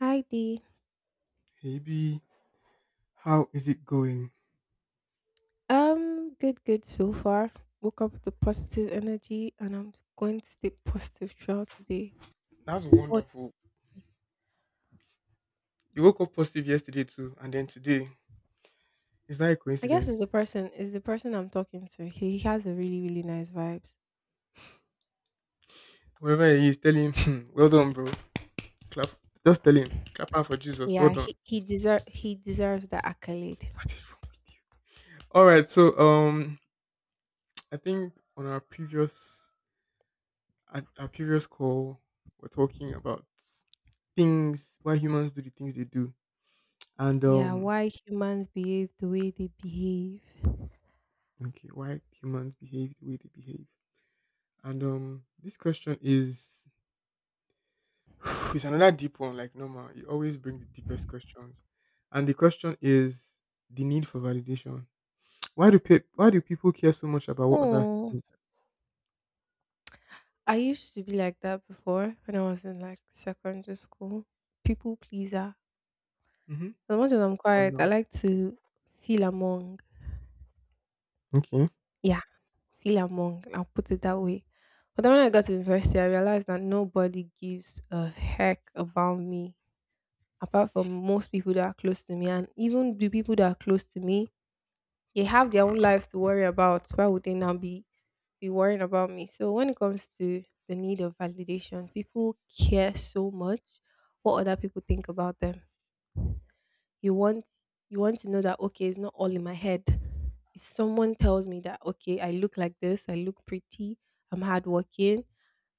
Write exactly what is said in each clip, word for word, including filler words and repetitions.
Hi Dee. Hey B, how is it going? Um, good, good so far. Woke up with the positive energy, and I'm going to stay positive throughout the day. That's What wonderful. You woke up positive yesterday too, and then today. Is that a I guess is coincidence? the person is the person I'm talking to. He, he has a really, really nice vibes. Whoever he is, tell him, "Hmm, well done, bro. Clap. Just tell him, clap out for Jesus. Well Yeah, done." he he deserve he deserves the accolade. What is wrong with you? All right. So, um, I think on our previous at our previous call, we're talking about things why humans do the things they do, and Yeah, um, why humans behave the way they behave. okay, why humans behave the way they behave. And um, this question is It's another deep one, like normal. You always bring the deepest questions, and the question is the need for validation. Why do pe- why do people care so much about what others Oh, think? I used to be like that before when I was in like secondary school. People pleaser. Mm-hmm. As much as I'm But quiet, I no. like to feel among. Okay. Yeah. Feel among, I'll put it that way. But then when I got to university, I realized that nobody gives a heck about me, apart from most people that are close to me. And even the people that are close to me, they have their own lives to worry about. Why would they now be, be worrying about me? So when it comes to the need of validation, people care so much what other people think about them. You want you want to know that okay, it's not all in my head. If someone tells me that okay, I look like this, I look pretty, I'm hardworking,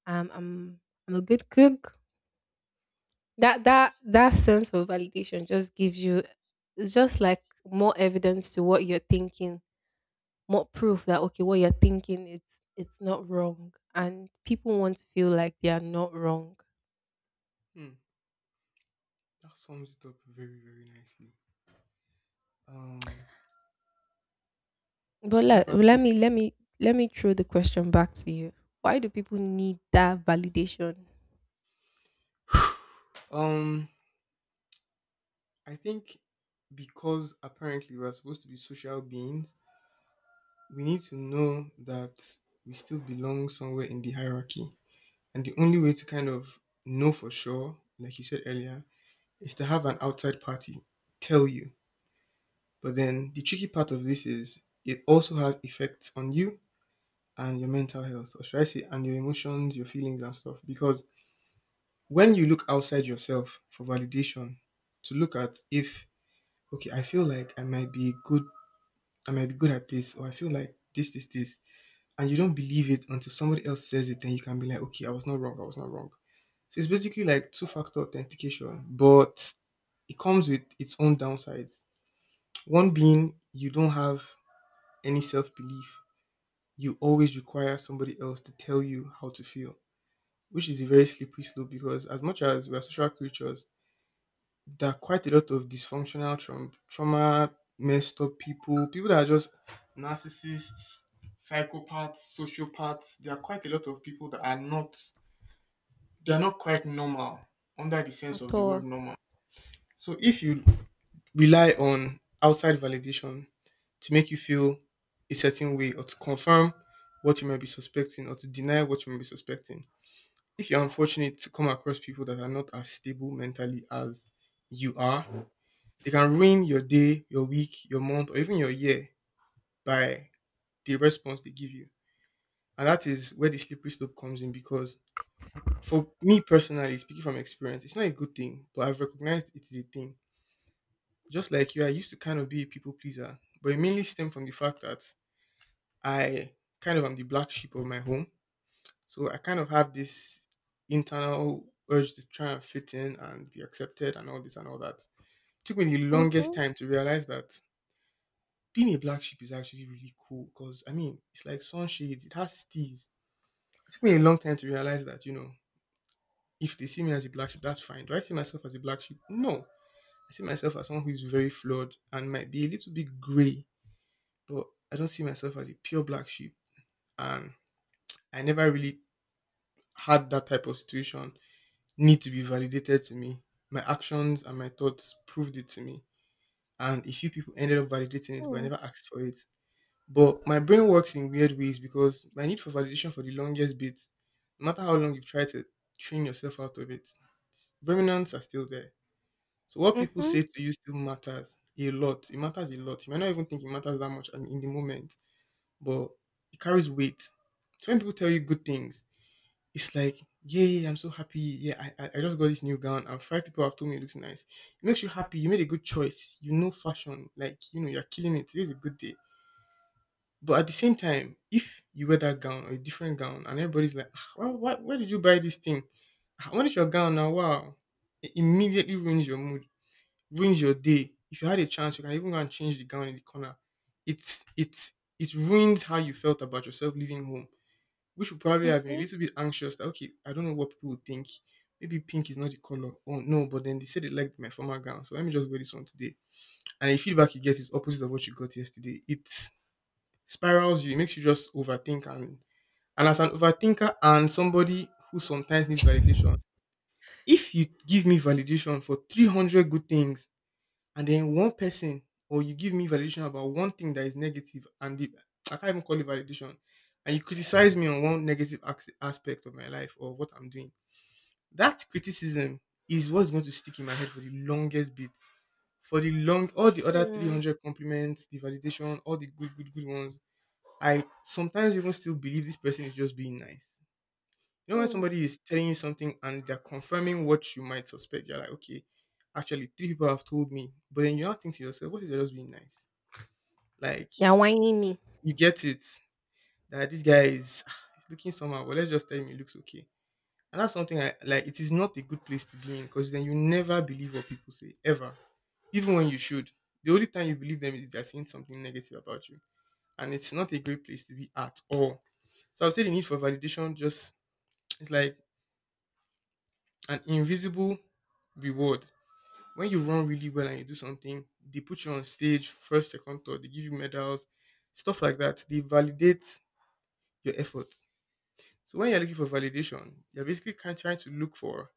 um, I'm I'm a good cook. That that that sense of validation just gives you it's just like more evidence to what you're thinking, more proof that okay, what you're thinking it's it's not wrong, and people want to feel like they are not wrong. Hmm. That sums it up very very nicely. Um, But what let about let this? me let me let me throw the question back to you. Why do people need that validation? Um, I think because apparently we're supposed to be social beings, we need to know that we still belong somewhere in the hierarchy, and the only way to kind of know for sure, like you said earlier, is to have an outside party tell you. But then the tricky part of this is it also has effects on you and your mental health, or should I say, and your emotions, your feelings, and stuff. Because when you look outside yourself for validation, to look at if okay, I feel like I might be good, I might be good at this, or I feel like this, this, this, and you don't believe it until somebody else says it, then you can be like, okay, I was not wrong, I was not wrong. So it's basically like two factor authentication, but it comes with its own downsides. One being you don't have any self belief, you always require somebody else to tell you how to feel, which is a very slippery slope because as much as we are social creatures, there are quite a lot of dysfunctional traum- trauma, messed up people, people that are just narcissists, psychopaths, sociopaths. There are quite a lot of people that are not they are not quite normal under the À sense of the word toa. normal. So if you rely on outside validation to make you feel a certain way or to confirm what you might be suspecting or to deny what you might be suspecting. If you're unfortunate to come across people that are not as stable mentally as you are, they can ruin your day, your week, your month, or even your year by the response they give you. And that is where the slippery slope comes in because for me personally, speaking from experience, it's not a good thing, but I've recognized it is a thing. Just like you, I used to kind of be a people pleaser, but it mainly stemmed from the fact that I kind of am the black sheep of my home. So I kind of have this internal urge to try and fit in and be accepted and all this and all that. Took me the longest Uhum, time to realize that being a black sheep is actually really cool because, I mean, it's like sunshades, it has steez. It took me a long time to realize that, you know, if they see me as a black sheep, that's fine. Do I see myself as a black sheep? No. I see myself as someone who is very flawed and might be a little bit gray, but I just see myself as a pure black sheep, and I never really had that type of situation need to be validated to me. My actions and my thoughts proved it to me, and a few people ended up validating it, but I hum. never asked for it. But my brain works in weird ways because my need for validation for the longest bit, no matter how long you've tried to train yourself out of it, remnants are still there. So what people Uhum, say to you still matters a lot. It matters a lot. You might not even think it matters that much, and in the moment, but it carries weight. So when people tell you good things, it's like, yay, I'm so happy. Yeah, I, I, I just got this new gown and five people have told me it looks nice. It makes you happy. You made a good choice. You know fashion. Like, you know, you're killing it. Today's a good day. But at the same time, if you wear that gown or a different gown and everybody's like, ah, why, why, where did you buy this thing? Ah, What is your gown now? Wow. It immediately ruins your mood, ruins your day. If you had a chance, you can even go and change the gown in the corner. It's it's it ruins how you felt about yourself leaving home, which would probably have been a mhm. little bit anxious that okay, I don't know what people would think. Maybe pink is not the color. Oh no, but then they said they liked my former gown, so let me just wear this one today. And the feedback you get is opposite of what you got yesterday. It spirals you, it makes you just overthink, and and as an overthinker and somebody who sometimes needs validation, if you give me validation for three hundred good things and then one person, or you give me validation about one thing that is negative, and the, I can't even call it validation, and you criticize me on one negative ax- aspect of my life or what I'm doing. That criticism is what's going to stick in my head for the longest bit. For the long, all the other Hum, three hundred compliments, the validation, all the good, good, good ones, I sometimes even still believe this person is just being nice. You know when hım. somebody is telling you something and they're confirming what you might suspect, you're like, okay, actually three people have told me, but then you now think to yourself, what if they're just being nice? Like, Ya, "whiny me." you get it that this guy is he's looking somehow, but let's just tell him he looks okay. And that's something I like. It is not a good place to be in because then you never believe what people say ever, even when you should. The only time you believe them is if they're saying something negative about you, and it's not a great place to be at all. So I would say the need for validation just it's like an invisible reward. When you run really well and you do something, they put you on stage first, second, third, they give you medals, stuff like that. They validate your effort. So when you're looking for validation, you're basically kind trying to look for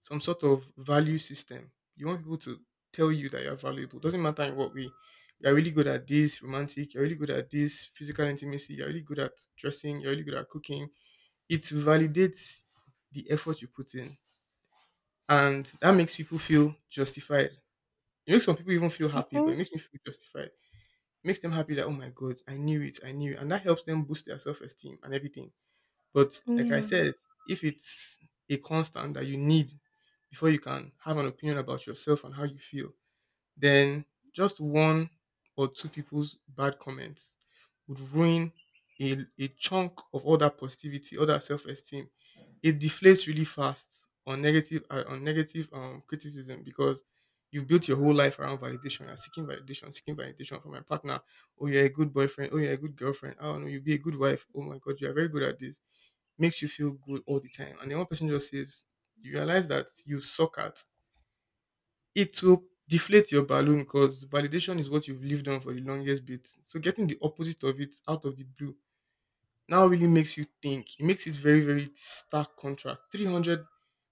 some sort of value system. You want people to tell you that you're valuable. Doesn't matter in what way. You're really good at this romantic, you're really good at this physical intimacy, you're really good at dressing, you're really good at cooking. It validates the effort you put in, and that makes people feel justified. It makes some people even feel happy, but it Mhm. makes me feel justified. It makes them happy that oh my god, I knew it, I knew it, and that helps them boost their self esteem and everything. But like I Yeah. said, if it's a constant that you need before you can have an opinion about yourself and how you feel, then just one or two people's bad comments would ruin a, a chunk of all that positivity, all that self esteem. It deflates really fast on negative uh, on negative um criticism because you've built your whole life around validation and seeking validation, seeking validation from my partner. Oh, you're a good boyfriend. Oh, you're a good girlfriend. Oh no, you'll be a good wife. Oh my god, you're very good at this. Makes you feel good all the time. And then one person just says, you realize that you suck at it, will deflate your balloon because validation is what you've lived on for the longest bit. So getting the opposite of it out of the blue now really makes you think. It makes it very, very stark contrast. three hundred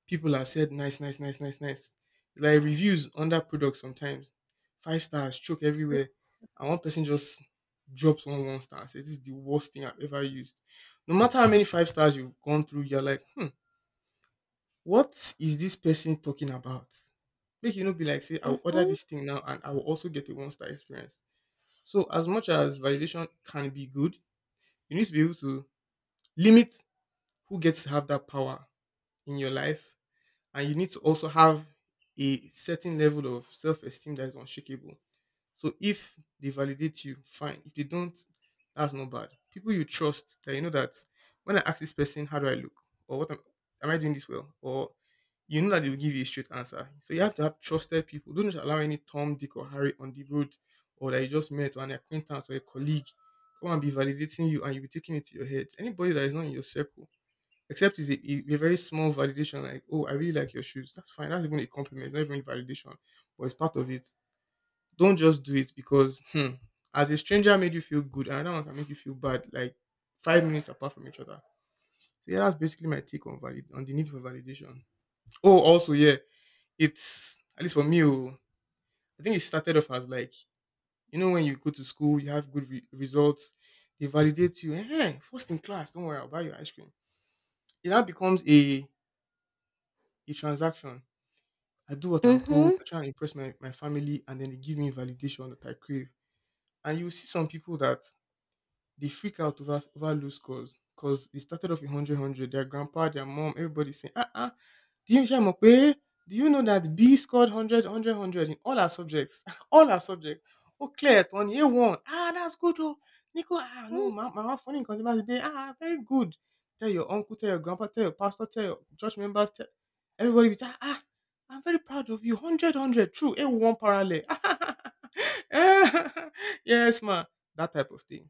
people have said nice, nice, nice, nice, nice. Like reviews under products sometimes. Five stars, choke everywhere. And one person just drops one one star and says, "This is the worst thing I've ever used." No matter how many five stars you've gone through, you're like, hmm, what is this person talking about? Make you no be like say I will order Mhm. this thing now and I will also get a one star experience. So as much as validation can be good, you need to be able to limit who gets to have that power in your life, and you need to also have a certain level of self esteem that is unshakable. So if they validate you, fine. If they don't, that's not bad. People you trust that you know that when I ask this person how do I look or what am, am I doing this well or you know that they will give you a straight answer. So you have to have trusted people. Don't just allow any Tom, Dick, or Harry on the road or that you just met or an acquaintance or a colleague come and be validating you and you'll be taking it to your head. Anybody that is not in your circle, except is a, a very small validation like, oh, I really like your shoes. That's fine. That's even a compliment. It's not even a validation, but it's part of it. Don't just do it because hmm, as a stranger made you feel good and another one can make you feel bad like five minutes apart from each other. So yeah, that's basically my take on valid on the need for validation. Oh, also yeah, it's at least for me. Oh, I think it started off as like you know when you go to school, you have good re- results, they validate you. Hey, first in class, don't worry, I'll buy you ice cream. It now becomes a a transaction. I do what I'm told. Mhm. I try and impress my, my family, and then they give me validation that I crave. And you see some people that they freak out over, over low scores because they started off with one hundred. Their grandpa, their mom, everybody saying, ah, ah, do you know, Shamope? Do you know that B scored one hundred in all our subjects? All our subjects. Oh, Claire, on year one. Ah, that's good. Oh, Nico, ah, no, my mama funny in consumer today. Ah, very good. Tell your uncle, tell your grandpa, tell your pastor, tell your church members, tell everybody. Be, ah, ah, I'm very proud of you. one hundred. True. A one parallel. Yes, ma. That type of thing,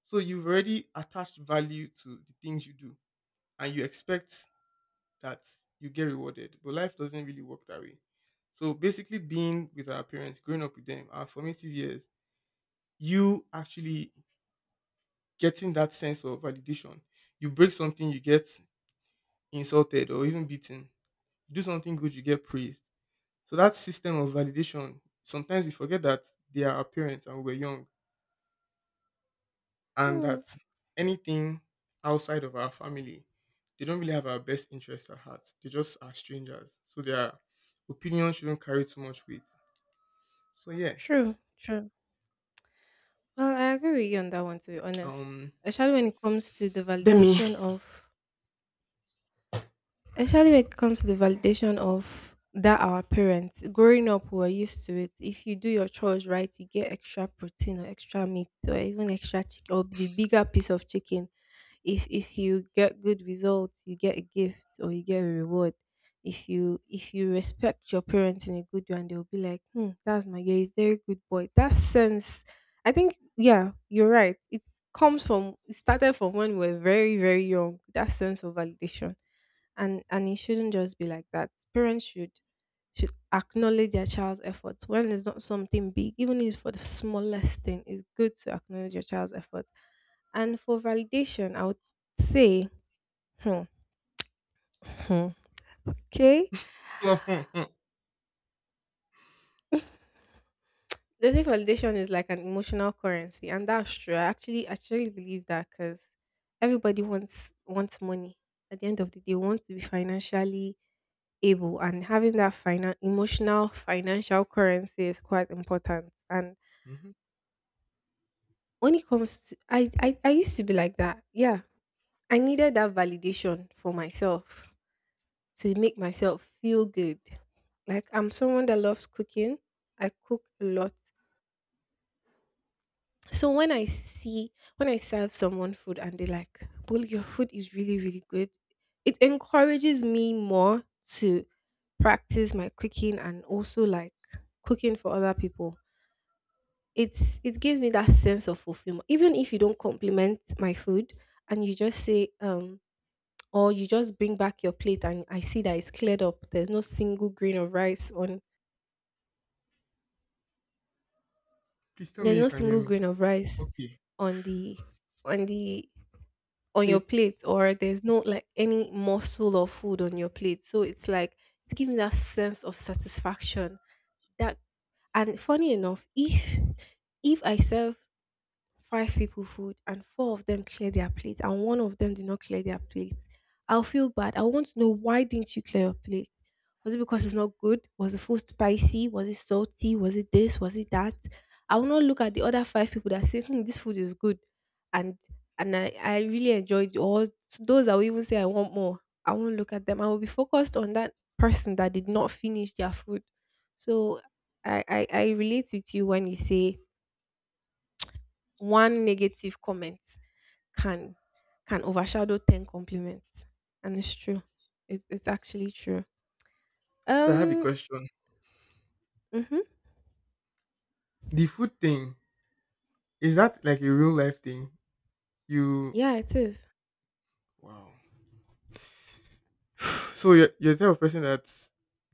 so you've already attached value to the things you do and you expect that you get rewarded, but life doesn't really work that way. So basically, being with our parents, growing up with them, our formative years, you actually getting that sense of validation. You break something, you get insulted or even beaten. You do something good, you get praised. So that system of validation, sometimes we forget that they are our parents and we're young and that Mhm. anything outside of our family, they don't really have our best interests at heart. They just are strangers, so their opinion shouldn't carry too much weight. So yeah, True, true. Well, I agree with you on that one, to be honest. um, Especially when it comes to the let me. validation of Especially when it comes to the validation of that our parents. Growing up, we were used to it. If you do your chores right, you get extra protein or extra meat or even extra chicken or the bigger piece of chicken. if if you get good results, you get a gift or you get a reward. If you if you respect your parents in a good way, and they'll be like, hmm, that's my you're a very good boy. That sense, I think yeah, you're right. It comes from it started from when we were very, very young, that sense of validation. And and it shouldn't just be like that. Parents should should acknowledge their child's efforts when it's not something big. Even if it's for the smallest thing, it's good to acknowledge your child's efforts. And for validation, I would say, hmm, hmm, okay. They say validation is like an emotional currency, and that's true. I actually actually believe that because everybody wants wants money. At the end of the day, want to be financially able, and having that final emotional financial currency is quite important. And Mhm. when it comes to, I I, I used to be like that. Yeah, I needed that validation for myself to make myself feel good. Like I'm someone that loves cooking. I cook a lot. So when I see when I serve someone food and they like, well, your food is really, really good, it encourages me more to practice my cooking and also like cooking for other people. It's it gives me that sense of fulfillment. Even if you don't compliment my food and you just say, um, or you just bring back your plate and I see that it's cleared up. There's no single grain of rice on Please tell me There's you no can hear single me. grain of rice Okay, on the on the on your please. plate, or there's no like any morsel of food on your plate. So it's like it's giving that sense of satisfaction that. And funny enough, if if I serve five people food and four of them clear their plate and one of them did not clear their plate, I'll feel bad. I want to know, why didn't you clear your plate? Was it because it's not good? Was the food spicy? Was it salty? Was it this? Was it that? I will not look at the other five people that say, hmm, this food is good, and and I I really enjoyed it, or those that will even say, I want more. I won't look at them. I will be focused on that person that did not finish their food. So i i, I relate with you when you say one negative comment can can overshadow ten compliments. And it's true. It's it's actually true. So I have a Um, question. mhm. The food thing, is that like a real life thing? You Yeah, it is. wow. So you're, you're the type of person that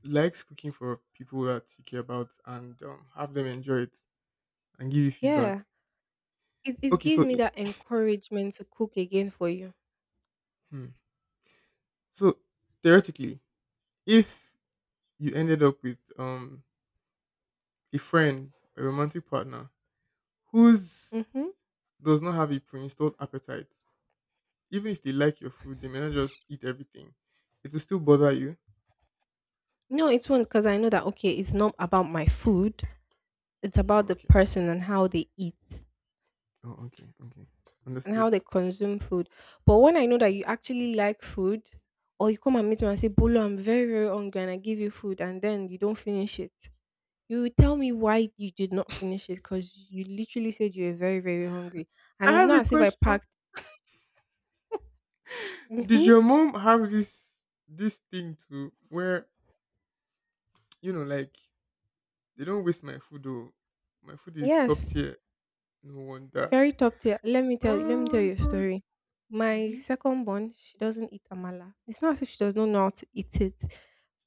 likes cooking for people that you care about and um, have them enjoy it and give you feedback. Yeah. It it Okay, gives so me i- that encouragement to cook again for you. hmm. so theoretically, if you ended up with um a friend, a romantic partner who's Mhm. does not have a pre-installed appetite, even if they like your food, they may not just eat everything. It will still bother you. No, it won't, because I know that okay, it's not about my food. It's about Oh, the okay. person and how they eat Oh, okay. Okay. and how Understood. they consume food. But when I know that you actually like food, or you come and meet me and say, Bolo, I'm very, very hungry, and I give you food and then you don't finish it, you will tell me why you did not finish it, because you literally said you were very, very hungry. I And it's have not a as if I question. packed. Did Hmm. your mom have this this thing to where you know, like they don't waste my food? Oh, my food is top Yes, tier. No wonder. very top tier. Let me tell you, let me tell Oh my you a god. story. My Mhm. second born, she doesn't eat amala. It's not as if she does not know how to eat it,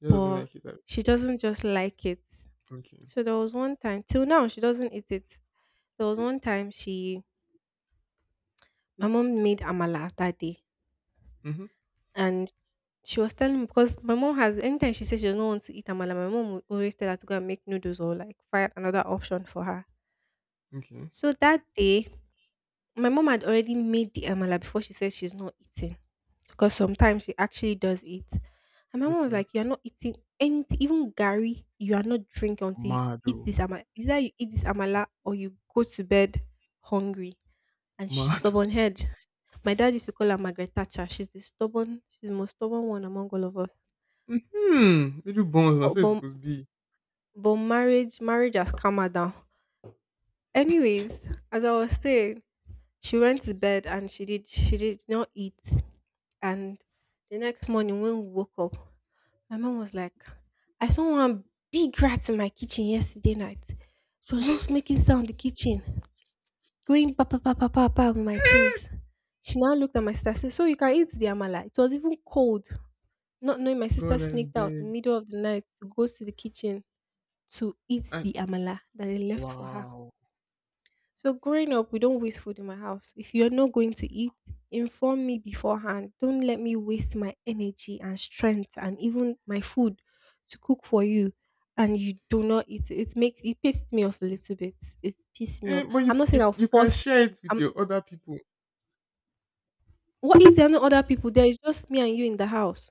She doesn't but like it. I- she doesn't just like it. Okay. So there was one time, till now, she doesn't eat it. There was one time she, My mom made amala that day. Mm-hmm. And. She was telling me, because my mom has, anytime she says she doesn't want to eat amala, my mom will always tell her to go and make noodles or like find another option for her. Okay. So that day, my mom had already made the amala before she said she's not eating, because sometimes she actually does eat. And my mom was Okay. like, "You're not eating anything, even gari. You are not drinking until you eat Mado. this amala. Either you eat this amala or you go to bed hungry." And she's Mado. stubborn head. My dad used to call her Margaret Thatcher. She's the stubborn. She's the most stubborn one among all of us. Mm-hmm. Little bones, that's But, what it's but supposed to be. But marriage, marriage has calmed her down. Anyways, as I was saying, she went to bed and she did she did not eat. And the next morning when we woke up, my mom was like, I saw one big rat in my kitchen yesterday night. She was just making sound in the kitchen, going pa pa pa pa pa pa with my things. She now looked at my sister and said, so you can eat the amala. It was even cold, not knowing my sister God, I sneaked out in beg. the middle of the night to go to the kitchen to eat I, the amala that they left for her. wow. So growing up, we don't waste food in my house. If you're not going to eat, inform me beforehand. Don't let me waste my energy and strength and even my food to cook for you and you do not eat it. It makes it pissed me off a little bit. It pissed me Eh, off. but you, I'm not you saying I'll you can force share it with um, your other people. what if there are no other people there? It's just me and you in the house.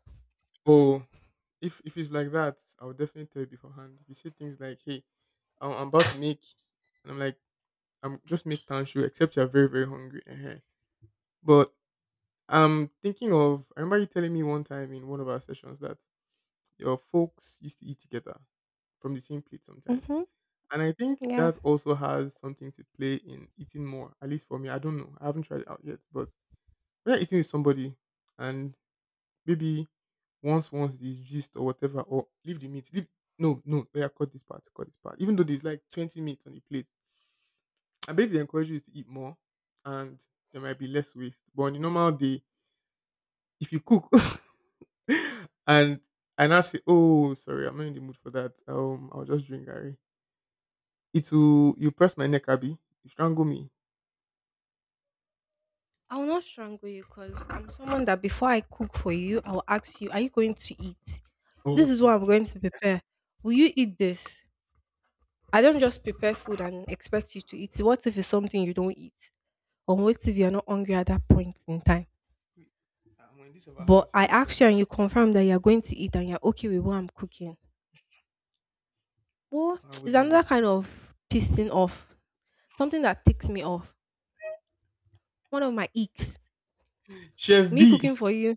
Oh, if if it's like that, I will definitely tell you beforehand. If you say things like, "Hey, I'm, I'm about to make," and I'm like, "I'm just make tanshu," except you're very very hungry. uh But I'm thinking of. I remember you telling me one time in one of our sessions that your folks used to eat together from the same plate sometimes. Mm-hmm. And I think Yeah. that also has something to play in eating more, at least for me. I don't know. I haven't tried it out yet. But when you're eating with somebody and maybe once once the gist or whatever, or leave the meat. Leave no, no, oh yeah, cut this part, cut this part. Even though there's like twenty meats on the plate. I bet they encourage you to eat more and there might be less waste. But on a normal day, if you cook and and I say, "Oh, sorry, I'm not in the mood for that. Um, I'll just drink Gary." It will you press my neck, Abby. You strangle me. I will not strangle you, because I'm someone that before I cook for you, I will ask you, are you going to eat? Oh, This is okay, what I'm okay, going okay. to prepare. Will you eat this? I don't just prepare food and expect you to eat it. What if it's something you don't eat? Or what if you're not hungry at that point in time? Wait, I'm in this other But house. I Is it like ask you that? and you confirm that you're going to eat and you're okay with what I'm cooking. Well, I it's wouldn't. another Do- kind of pissing off. Something that ticks me off. One of my icks. it. Chef Me B. cooking for you,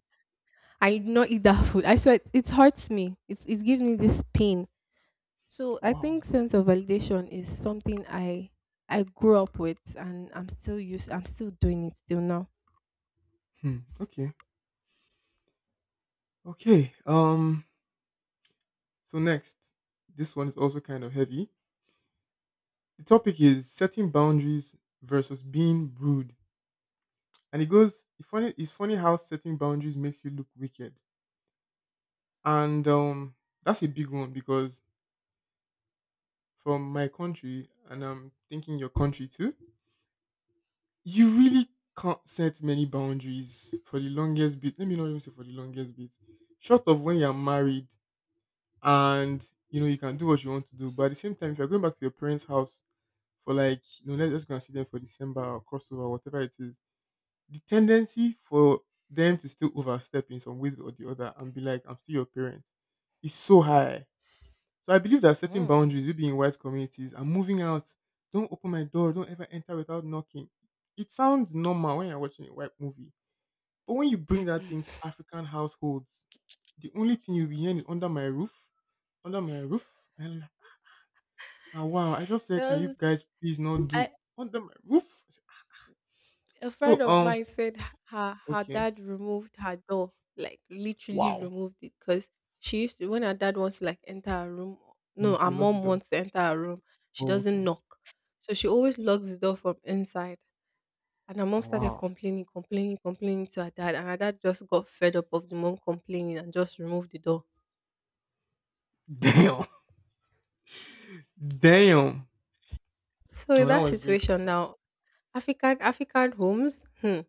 I do not eat that food. I swear, it, it hurts me. It, it gives me this pain. So I Wow. think sense of validation is something I I grew up with, and I'm still used I'm still doing it till now. Hmm. Okay. Okay. Um. So next, this one is also kind of heavy. The topic is setting boundaries versus being rude, and it goes. It's funny. It's funny how setting boundaries makes you look wicked, and um, that's a big one because from my country, and I'm thinking your country too. You really can't set many boundaries for the longest bit. Let me not even say for the longest bit. Short of when you're married and you know you can do what you want to do. But at the same time, if you're going back to your parents' house for like, you know, let's just go and see them for December or crossover, whatever it is, the tendency for them to still overstep in some ways or the other and be like, I'm still your parent, is so high. So I believe that setting Mm. boundaries, we being in white communities, and moving out, don't open my door, don't ever enter without knocking. It sounds normal when you're watching a white movie, but when you bring that thing to African households, the only thing you'll be hearing is under my roof, under my roof, and I'm like, "Ah, wow, I just said, can There you was guys please not do I, under my roof?" a So friend of um, mine said h- her her okay, dad removed her door, like literally wow, removed it, because she used to, when her dad wants to like enter her room. mm, No, she her will lock the mom door. wants to enter her room, she Oh, doesn't okay. knock, so she always locks the door from inside. And her mom Ah, started wow, complaining, complaining, complaining to her dad, and her dad just got fed up of the mom complaining and just removed the door. damn, damn. So Oh, in that that was going to. situation Ah, now, African African homes, hmm,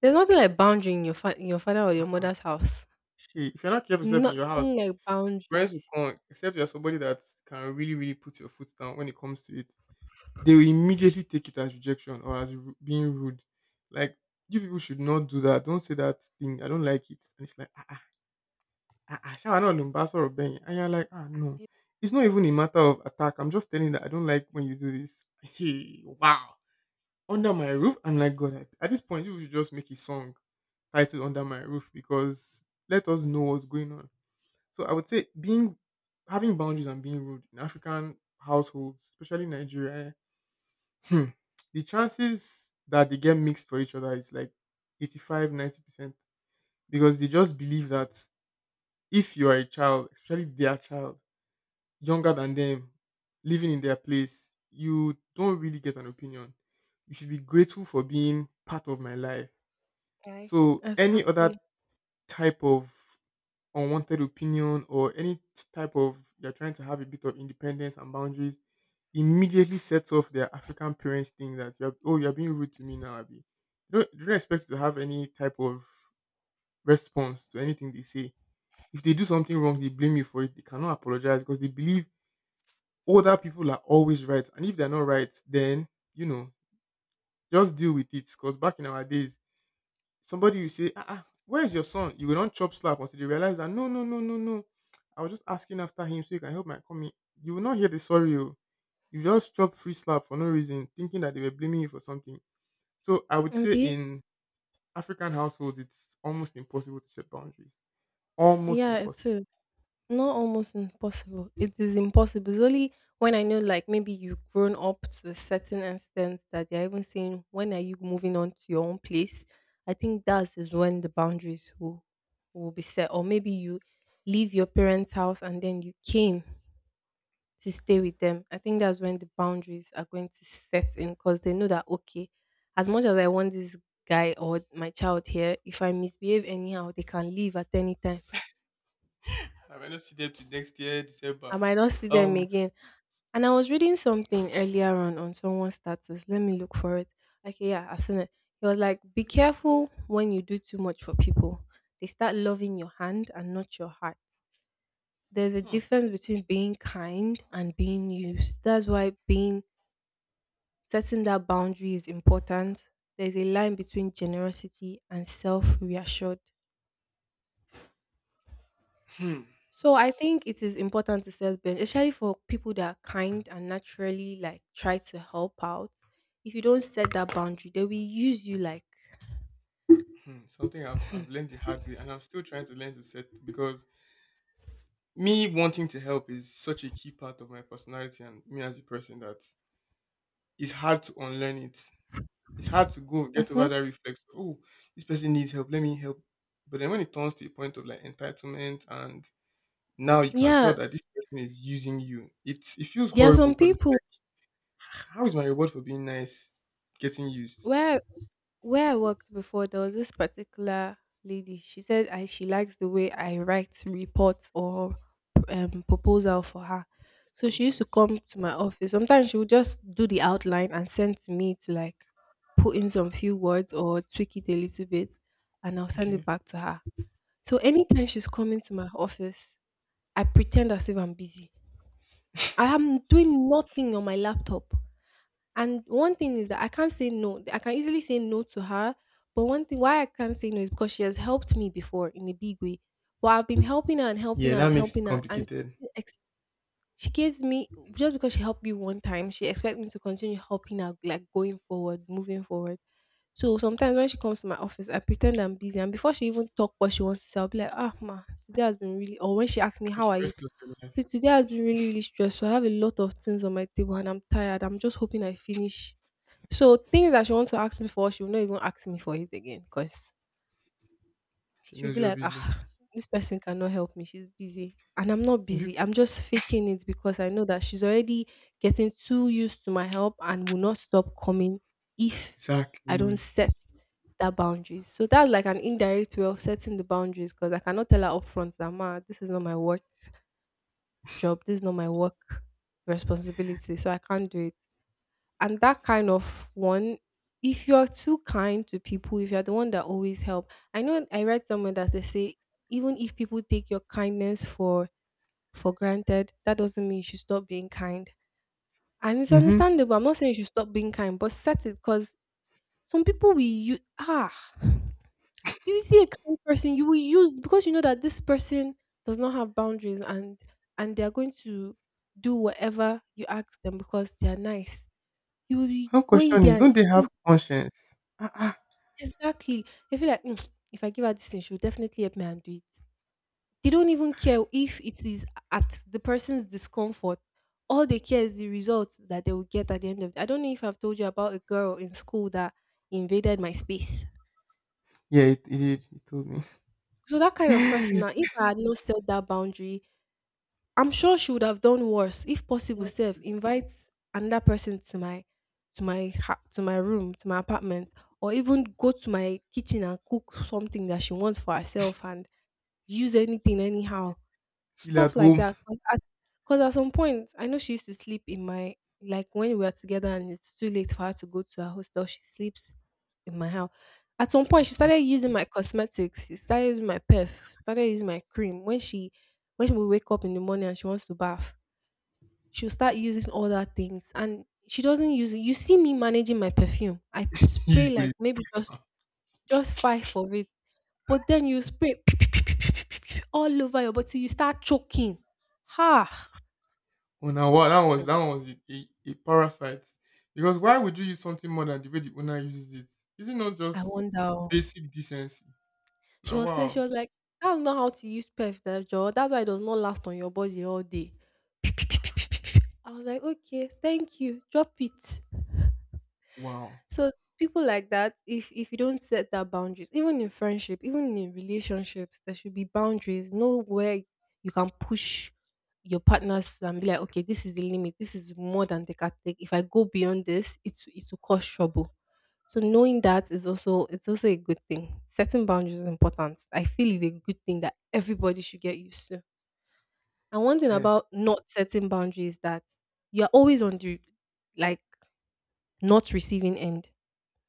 there's nothing like boundary in your fa- in your father or your ah, mother's house. shit, if you're not careful yourself in your house, Nothing like parents will boundaries. come, except you're somebody that can really, really put your foot down when it comes to it. They will immediately take it as rejection or as ru- being rude. Like, you people should not do that. Don't say that thing. I don't like it. And it's like, ah ah ah ah. Shall I not lumbass or bang? And you're like, ah no. Be It's not even a matter of attack. I'm just telling you that I don't like when you do this. Hey, wow. Under my roof, I'm like, God. I- At this point, you should just make a song titled "Under My Roof" because let us know what's going on. So I would say being having boundaries and being rude in African households, especially Nigeria, eh, hmm, the chances that they get mixed for each other is like eighty-five, ninety percent, because they just believe that if you are a child, especially their child, younger than them, living in their place, you don't really get an opinion. You should be grateful for being part of my life. life. So any other Exactly. type of unwanted opinion or any type of you're trying to have a bit of independence and boundaries immediately sets off their African parents thing that you're oh you're being rude to me now, Abby. They don't, they don't expect you to have any type of response to anything they say. If they do something wrong, they blame you for it. They cannot apologize because they believe older people are always right. And if they're not right, then you know, just deal with it. Because back in our days, somebody will say, "Ah ah, where is your son?" You will not chop slap until you realize that no, no, no, no, no. I was just asking after him so you can help my coming. You will not hear the sorry. Oh. You just chop free slap for no reason, thinking that they were blaming you for something. So I would And say be in African households, it's almost impossible to set boundaries. Almost yeah, it impossible. is. Not almost impossible. It is impossible. It's only when I know, like, maybe you've grown up to a certain extent that they're even saying, when are you moving on to your own place? I think that is when the boundaries will will be set. Or maybe you leave your parents' house and then you came to stay with them. I think that's when the boundaries are going to set in, because they know that, okay, as much as I want this guy or my child here, if I misbehave anyhow, they can leave at any time. I may not see them till next year, I December. might not see them Um, again. And I was reading something earlier on on someone's status. Let me look for it. Okay, yeah, I've seen it. It was like, be careful when you do too much for people. They start loving your hand and not your heart. There's a hmm, difference between being kind and being used. That's why being setting that boundary is important. There's a line between generosity and self reassured. hmm, So I think it is important to set boundaries, especially for people that are kind and naturally, like, try to help out. If you don't set that boundary, they will use you, like, hmm. Something I've, I've learned the hard way, and I'm still trying to learn to set, because me wanting to help is such a key part of my personality and me as a person that it's hard to unlearn it. It's hard to go get over mhm, that reflex. Of, oh, this person needs help. Let me help. But then when it turns to a point of like entitlement and now you can tell yeah. that this person is using you. It's it feels There are horrible some because it's people like "Ah, how is my reward for being nice getting used?" where where I worked before, there was this particular lady. She said I she likes the way I write report or um, proposal for her. So she used Okay. to come to my office. Sometimes she would just do the outline and send to me to, like, put in some few words or tweak it a little bit, and I'll send Okay. it back to her. So anytime she's coming to my office, I pretend as if I'm busy. I am doing nothing on my laptop. And one thing is that I can't say no. I can easily say no to her, but one thing why I can't say no is because she has helped me before in a big way. But I've been helping her and helping Yeah, her that and makes it helping her, and complicated. she, ex- she gives me, just because she helped me one time, she expects me to continue helping her, like going forward, moving forward. So sometimes when she comes to my office, I pretend I'm busy, and before she even talk what she wants to say, I'll be like, "Ah, ma, today has been really." Or when she asks me, But "How you are you? rest of your life. Please, today has been really, really stressful. I have a lot of things on my table, and I'm tired. I'm just hoping I finish," so things that she wants to ask me for, she will not even ask me for it again, because She she'll knows be you're like, busy. ah, this person cannot help me, she's busy. And I'm not Some people. busy, I'm just faking it because I know that she's already getting too used to my help and will not stop coming if I don't Exactly. set that boundaries. So that's like an indirect way of setting the boundaries, because I cannot tell her upfront that, ma, this is not my work job, this is not my work responsibility, so I can't do it. And that kind of one, if you're too kind to people, if you're the one that always help, I know I read somewhere that they say, even if people take your kindness for for granted that doesn't mean you should stop being kind. And it's Mm-hmm. understandable, I'm not saying you should stop being kind, but set it, because some people, we you ah you see a kind person, you will use, because you know that this person does not have boundaries, and and they are going to do whatever you ask them because they are nice. You will be One going question is, there don't they have and conscience? Ah, ah. exactly. I feel like, "Mm, if I give her this thing, she'll definitely help me and do it." They don't even care if it is at the person's discomfort. All they care is the result that they will get at the end of it. I don't know if I've told you about a girl in school that invaded my space. Yeah, it, it did. He told me. So that kind of person now, if I had not set that boundary, I'm sure she would have done worse. If possible, Just self to invite another person to my to my ha- to my room, to my apartment, or even go to my kitchen and cook something that she wants for herself and use anything anyhow, Feel at stuff like home. that. Because at, 'cause at some point, I know she used to sleep in my, like, when we are together and it's too late for her to go to her hostel, she sleeps in my house. At some point, she started using my cosmetics. She started using my perf, started using my cream. When she, when we wake up in the morning and she wants to bath, she'll start using all that things. And she doesn't use it. You see me managing my perfume. I p- You spray go like dey maybe press just am. just five of it, but then you spray all over your body till you start choking. Ha! On a wall. That was that one was a, a, a parasite. Because why would you use something more than the way the owner uses it? Is it not I just wonder. Oh. basic decency? She Now was saying, wow, she was like, that's not how to use perfector. That's why it does not last on your body all day. I was like, okay, thank you. Drop it. wow. So people like that, if if you don't set that boundaries, even in friendship, even in relationships, there should be boundaries. Know where you can push your partners and be like, okay, this is the limit. This is more than they can take. If I go beyond this, it it will cause trouble. So knowing that is also it's also a good thing. Setting boundaries is important. I feel it's a good thing that everybody should get used to. And one thing Yes, about not setting boundaries is that you're always on the, like, not receiving end.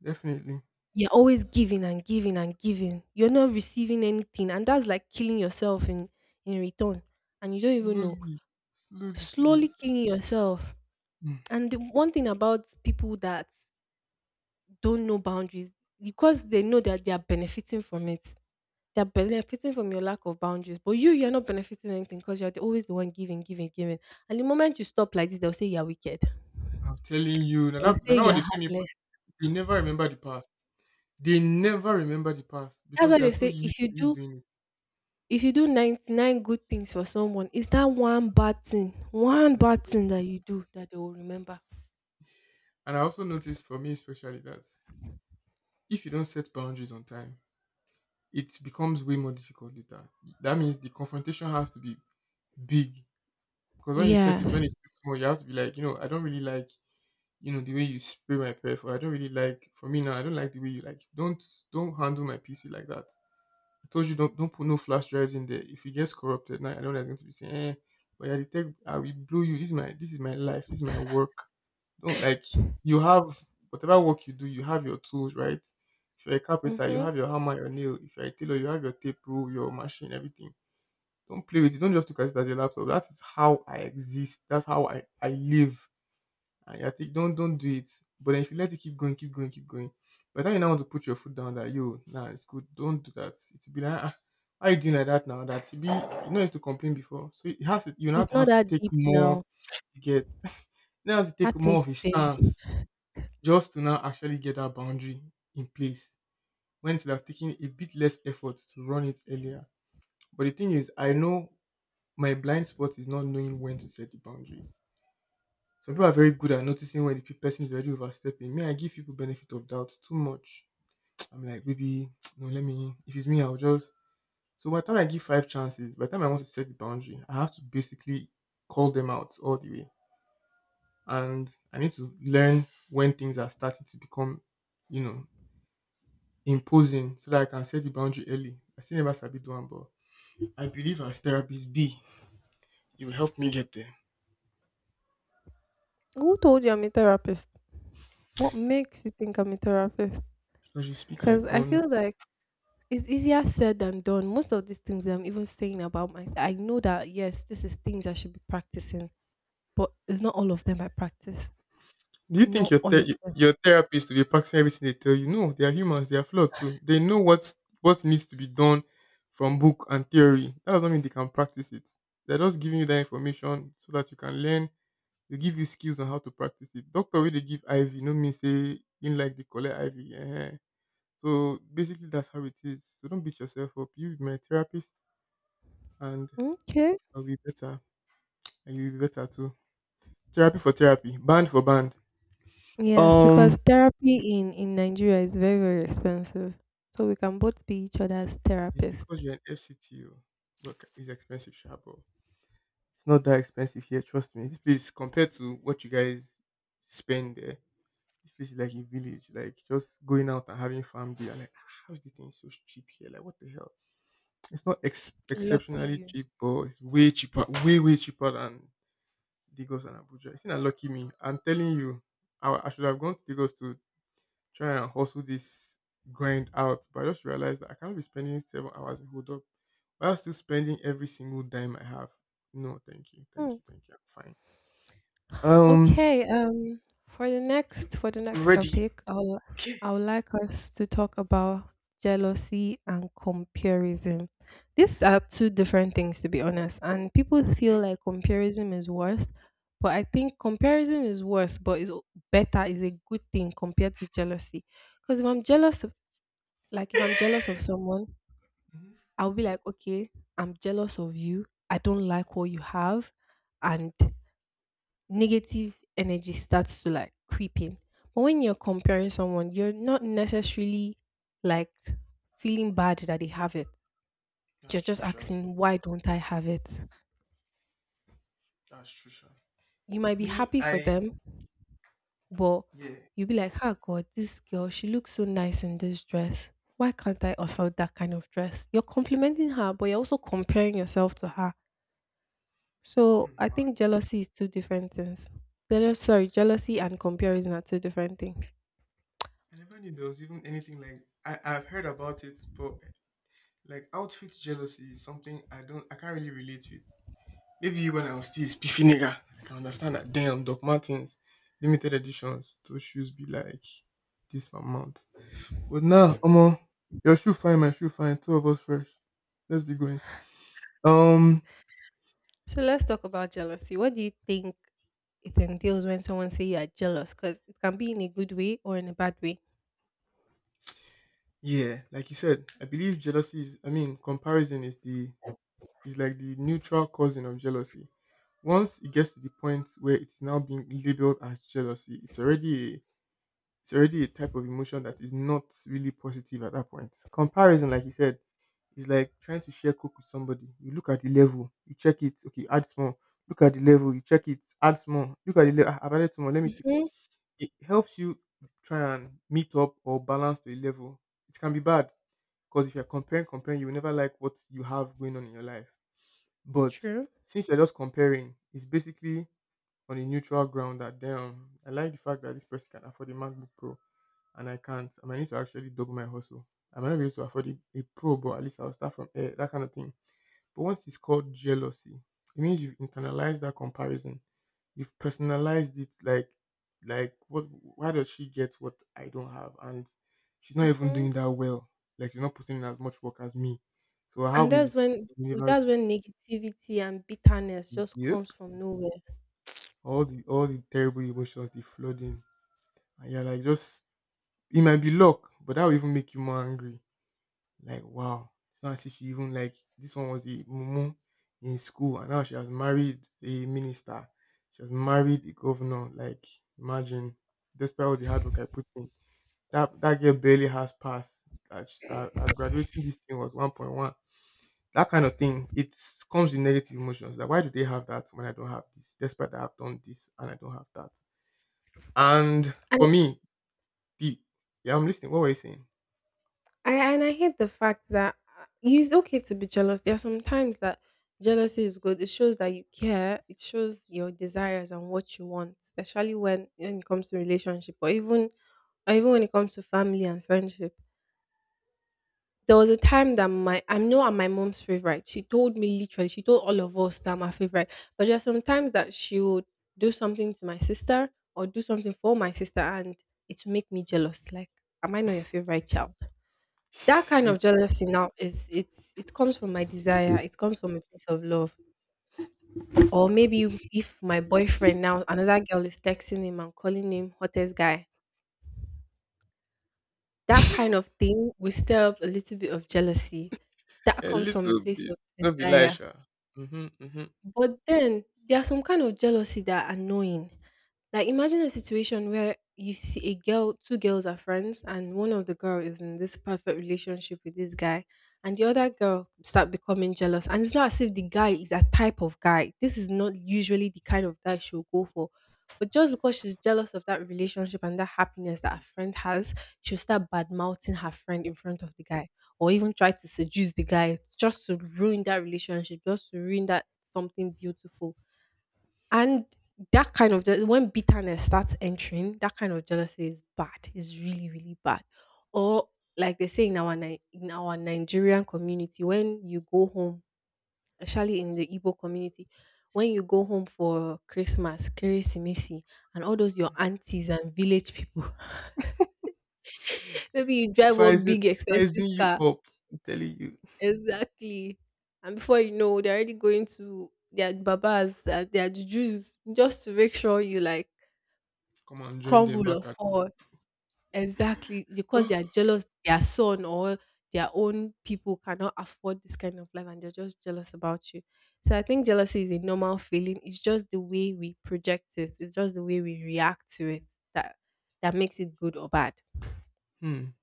definitely. You're always giving and giving and giving. You're not receiving anything, and that's like killing yourself in in return, and you don't even know. Slowly, slowly killing Slowly yourself. killing yourself. Hmm. And the one thing about people that don't know boundaries, because they know that they are benefiting from it. They're benefiting from your lack of boundaries, but you you're not benefiting anything, because you're the- always the one giving, giving, giving. And the moment you stop like this, they'll say you're wicked. I'm telling you, now They'll that, say now what you're they pay me, for- heartless. You never remember the past. They never remember the past That's because why they are they so say, if used to you you do doing it if you do ninety-nine good things for someone, is that one bad thing, one that they bad don't. thing that you do that they will remember. And I also noticed for me especially that if you don't set boundaries on time, it becomes way more difficult later. That means the confrontation has to be big because when you set it when it's Yes. too small, you have to be like, you know, I don't really like you know the way you spray my perf or I don't really like for me now I don't like the way you like don't don't handle my P C like that I told you don't don't put no flash drives in there. If it gets corrupted, now I know that's going to be saying, eh, but yeah, the tech, I will blow you. This is my this is my life. This is my work. Don't like you have whatever work you do, you have your tools, right? If you're a carpenter, you Mm-hmm. have your hammer, your nail. If you're a tailor, you have your tape rule, your machine, everything. Don't play with it. Don't just look at it as a laptop. That is how I exist. That's how I, I live and you're think don't don't do it. But then if you let it keep going, keep going, keep going, by the time you now want to put your foot down that yo, nah, it's good, don't do that. It'll be like ah, how you doing like that now? That it be you know used to complain before. So it has to you now It's not have to that take deep more now. to get you now have to take That more of thing's his baby. stance just to now actually get that boundary in place. When it would have taken a bit less effort to run it earlier. But the thing is I know my blind spot is not knowing when to set the boundaries. Some people are very good at noticing when the pe- person is already overstepping. Me, I give people benefit of doubt too much. I'm like, baby, no, let me. If it's me, I'll just. So by the time I give five chances, by the time I want to set the boundary, I have to basically call them out all the way, and I need to learn when things are starting to become, you know, imposing, so that I can set the boundary early. I still never sabi do am, but I believe as therapist B, you will help me get there Who told you I'm a therapist? What makes you think I'm a therapist? because you speak Because like I one. feel like it's easier said than done. Most of these things that I'm even saying about myself, I know that, yes, this is things I should be practicing, but it's not all of them I practice. Do you think Not your all ther- of them. your therapist will be practicing everything they tell you? No, they are humans. They are flawed too. They know what what needs to be done from book and theory. That doesn't mean they can practice it. They're just giving you that information so that you can learn. They give you skills on how to practice it. Doctor, where they give I V, no mean say in like the collect I V. Eh. So basically, that's how it is. So don't beat yourself up. You be my therapist, and Okay. I'll be better, and you'll be better too. Therapy for therapy, band for band. Yes, Um because therapy in in Nigeria is very, very expensive. So we can both be each other's It's therapist. because you're an F C T O. Work is expensive, sure, but it's not that expensive here. Trust me. This place, compared to what you guys spend there, this place is like a village. Like just going out and having family beer, like, "Ah, how is this thing so cheap here? Like, what the hell?" It's not ex- Lucky exceptionally you. cheap, but it's way cheaper, way way cheaper than Lagos and Abuja. It's not lucky me. I'm telling you, I, I should have gone to Lagos to try and hustle this grind out. But I just realized that I cannot be spending seven hours in hold up while still spending every single dime I have. No, thank you, Hmm. thank you, thank you. I'm fine. Um, Okay, um, for the next for the I'm next ready. topic, I'll Okay. I would like us to talk about jealousy and comparison. These are two different things, to be honest, and people feel Yep. like comparison is worse, but I think comparison is worse, but it's o- better, is a good thing compared to jealousy. Because if I'm jealous, like if I'm jealous of someone, Mhm. I'll be like, okay, I'm jealous of you. I don't like what you have. And negative energy starts to, like, creep in. But when you're comparing someone, you're not necessarily, like, feeling bad that they have it. You're That's just true, sure. asking, why don't I have it? That's true, sure. You might be Me, happy for I them, but yeah, you'll be like, oh God, this girl, she looks so nice in this dress. Why can't I afford that kind of dress? You're complimenting her, but you're also comparing yourself to her. So hmm, I mad. think jealousy is two different things. Jealous, sorry, So jealousy and comparison are two different things. I never knew there was even anything like I I've heard about it, but like outfit jealousy is something I don't I can't really relate with. Maybe when I was still a spiffy nigga, I can understand that. Damn, Doc Martens, limited editions. Those shoes be like this amount. But now, Omo, your shoe fine, my shoe fine. Two of us fresh. Let's be going. Um, So let's talk about jealousy. What do you think it entails when someone say you are jealous? Because it can be in a good way or in a bad way. yeah, like you said, I believe jealousy is. I mean, comparison is the is like the neutral cousin of jealousy. Once it gets to the point where it's now being labeled as jealousy, it's already a, it's already a type of emotion that is not really positive at that point. Comparison, like you said. It's like trying to share coke with somebody. You look at the level, you check it, okay, add small. Look at the level, you check it, add small. Look at the level, I've added small, let me take. Mm-hmm. It helps you try and meet up or balance to a level. It can be bad because if you're comparing, comparing, you will never like what you have going on in your life. But True. since you're just comparing, it's basically on a neutral ground that damn, I like the fact that this person can afford a MacBook Pro and I can't. I might need to actually double my hustle. I might not be able to afford a, a Pro, but at least I'll start from air, that kind of thing. But once it's called jealousy, it means you've internalized that comparison. You've personalized it like, like what? Why does she get what I don't have? And she's not even doing Mm-hmm. that well. Like you're not putting in as much work as me. So how And that's is when the that's universe? when negativity and bitterness just Yep. comes from nowhere. All the all the terrible emotions, the flooding, And you're like just it might be luck, but that will even make you more angry. Like, wow, it's not as if you even like this one was a mumu in school and now she has married a minister. She has married a governor. Like, imagine, despite all the hard work I put in, that that girl barely has passed. Her, her, her graduating this thing was one point one. That kind of thing, it comes with negative emotions. Like, why do they have that when I don't have this? Despite that I've done this and I don't have that. And for And me, the yeah, I'm listening. What were you saying? I and I hate the fact that uh, it's okay to be jealous. There are some times that jealousy is good. It shows that you care. It shows your desires and what you want, especially when when it comes to relationship, or even or even when it comes to family and friendship. There was a time that my, I know I'm my mom's favorite. She told me literally, she told all of us that I'm her favorite. But there are some times that she would do something to my sister or do something for my sister, and it would make me jealous. Like, am I not your favorite child? That kind of jealousy now is, it's it comes from my desire. It comes from a place of love. Or maybe if my boyfriend now another girl is texting him and calling him hottest guy. That kind of thing will stir up a little bit of jealousy. That A comes from a little place bit. of Not be desire. Elisha. Mm-hmm, mm-hmm. But then there's some kind of jealousy that are annoying. Like imagine a situation where you see a girl, two girls are friends, and one of the girl is in this perfect relationship with this guy, and the other girl start becoming jealous. And it's not as if the guy is a type of guy. This is not usually the kind of guy she'll go for. But just because she's jealous of that relationship and that happiness that her friend has, she'll start bad mouthing her friend in front of the guy or even try to seduce the guy just to ruin that relationship, just to ruin that something beautiful. And that kind of je- when bitterness starts entering, that kind of jealousy is bad. It's really, really bad. Or like they say in our Ni- in our Nigerian community, when you go home, especially in the Igbo community, when you go home for Christmas, Kirisimisi, and all those your aunties and village people, maybe you drive one Sizing, big expensive sizing you car. up. I'm telling you. Exactly. And before you know, they're already going to their babas, uh, their jujus, just to make sure you like Come on, join them crumble or back at. fall. Exactly. Because they are jealous their son or their own people cannot afford this kind of life and they're just jealous about you. So I think jealousy is a normal feeling. It's just the way we project it. It's just the way we react to it that that makes it good or bad. hmm.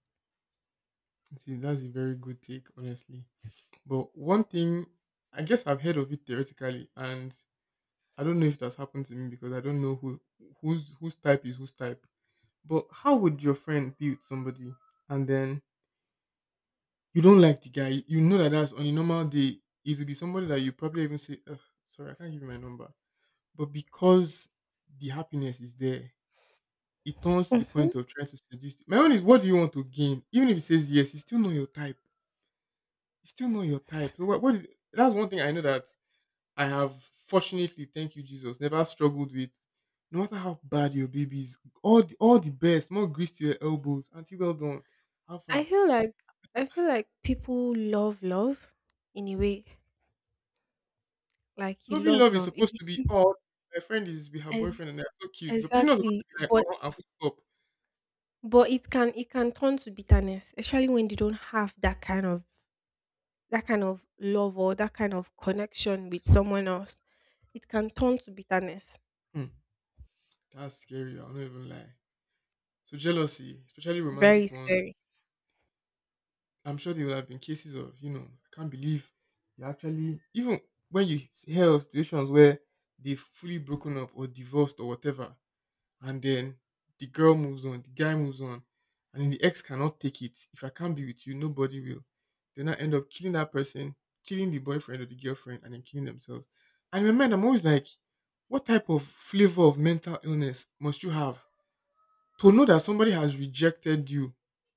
See, that's a very good take, honestly. But one thing, I guess I've heard of it theoretically, and I don't know if that's happened to me because I don't know who whose whose type is whose type. But how would your friend build somebody and then you don't like the guy, you know that that's on a normal day, it will be somebody that you probably even say, ugh, sorry, I can't give you my number. But because the happiness is there, it turns to the Hmm. point of trying to seduce. My own is, what do you want to gain? Even if he says yes, it's still not your type. It's still not your type. So what, what is, that's one thing I know that I have, fortunately, thank you, Jesus, never struggled with. No matter how bad your baby is, all the, all the best, more grease to your elbows. Auntie, well done. I Alpha feel like I feel like people love love in a way. Like you Loving love love is love. If supposed you to be see, oh my friend is with her ex boyfriend and they're so cute. It's, it's not supposed exactly, to be like but oh and full stop. but it can it can turn to bitterness, especially when they don't have that kind of that kind of love or that kind of connection with someone else. It can turn to bitterness. Hmm. That's scary. I'll not even lie. So jealousy, especially Very romantic ones, scary. I'm sure there will have been cases of you know I can't believe you actually even when you hear of situations where they've fully broken up or divorced or whatever, and then the girl moves on, the guy moves on, and the ex cannot take it. If I can't be with you, nobody will. They now end up killing that person, killing the boyfriend or the girlfriend, and then killing themselves. And in my mind, I'm always like, what type of flavor of mental illness must you have to know that somebody has rejected you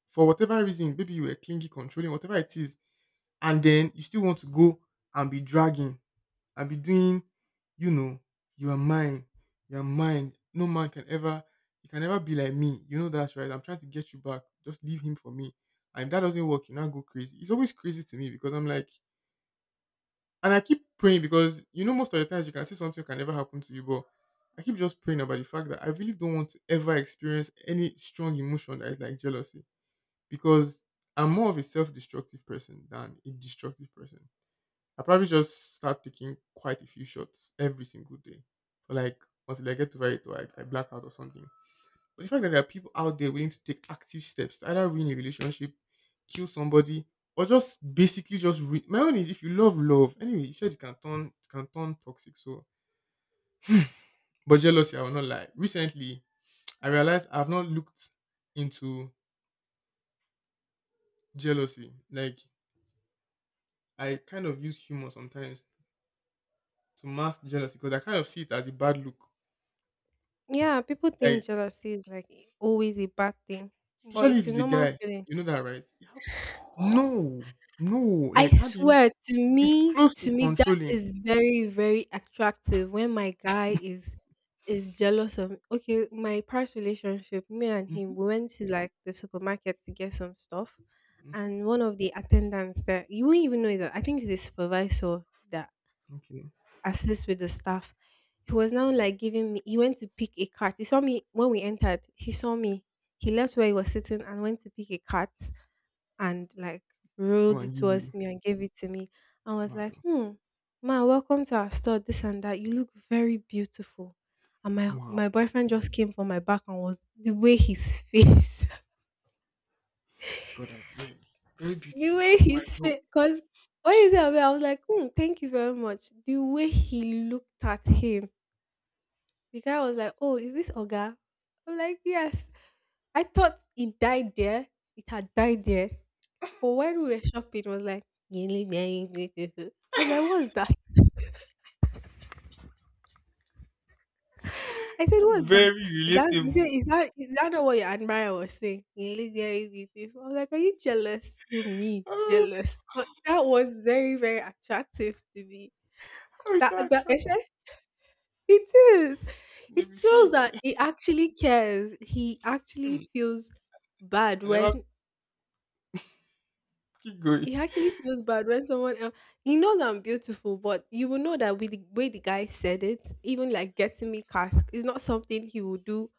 for whatever reason? Maybe you were clingy, controlling, whatever it is, and then you still want to go and be dragging I'll be doing, you know, you are mine, you are mine. No man can ever, you can never be like me. You know that's right. I'm trying to get you back. Just leave him for me. And if that doesn't work, you now go crazy. It's always crazy to me because I'm like, and I keep praying because you know most of the times you can say something can never happen to you, but I keep just praying about the fact that I really don't want to ever experience any strong emotion that is like jealousy because I'm more of a self-destructive person than a destructive person. I probably just start taking quite a few shots every single day. For like until I get over it or I, I black out or something. But the fact that there are people out there willing to take active steps to either ruin a relationship, kill somebody, or just basically just ruin my own is if you love love, anyway, you said it can turn it can turn toxic. So but jealousy, I will not lie. Recently I realized I've not looked into jealousy. Like I kind of use humor sometimes to mask jealousy because I kind of see it as a bad look. Yeah, people think Like. jealousy is like always a bad thing, but Especially if it's a he's a normal guy. feeling. You know that, right? You have no, no. I Like, how do you? swear, to It's me, close to to me that controlling. is very, very attractive when my guy is is jealous of. Okay, my past relationship, me and Mm-hmm, him, we went to like the supermarket to get some stuff mm-hmm. and one of the attendants that you wouldn't even know is that I think it's the supervisor that Okay, assists with the staff. He was now like giving me he went to pick a cart. He saw me when we entered, he saw me. He left where he was sitting and went to pick a cart and like let's come rolled and it give you towards me and gave it to me. I was like, Mado. hmm, ma, welcome to our store, this and that. You look very beautiful. And my Wow, my boyfriend just came from my back and was the way his face, God, I beg. Very the beautiful. way How my his bro. face, because when he said I was like, hmm, thank you very much. The way he looked at him, the guy was like, oh, is this Oga? I'm like, yes. I thought it died there. It had died there. But when we were shopping, it was like, I was like, what's that? I said, what's that? Very Is that, you said, relatable. is that, is that not what your admirer was saying? I was like, are you jealous? He said, me, Oh, jealous? But that was very, very attractive to me. how is That, that that, attractive? it is. It They'll be shows saying, that he actually cares. He actually I feels bad never when keep going. It actually feels bad when someone else, he knows I'm beautiful, but you will know that with the way the guy said it, even like getting me cast is not something he will do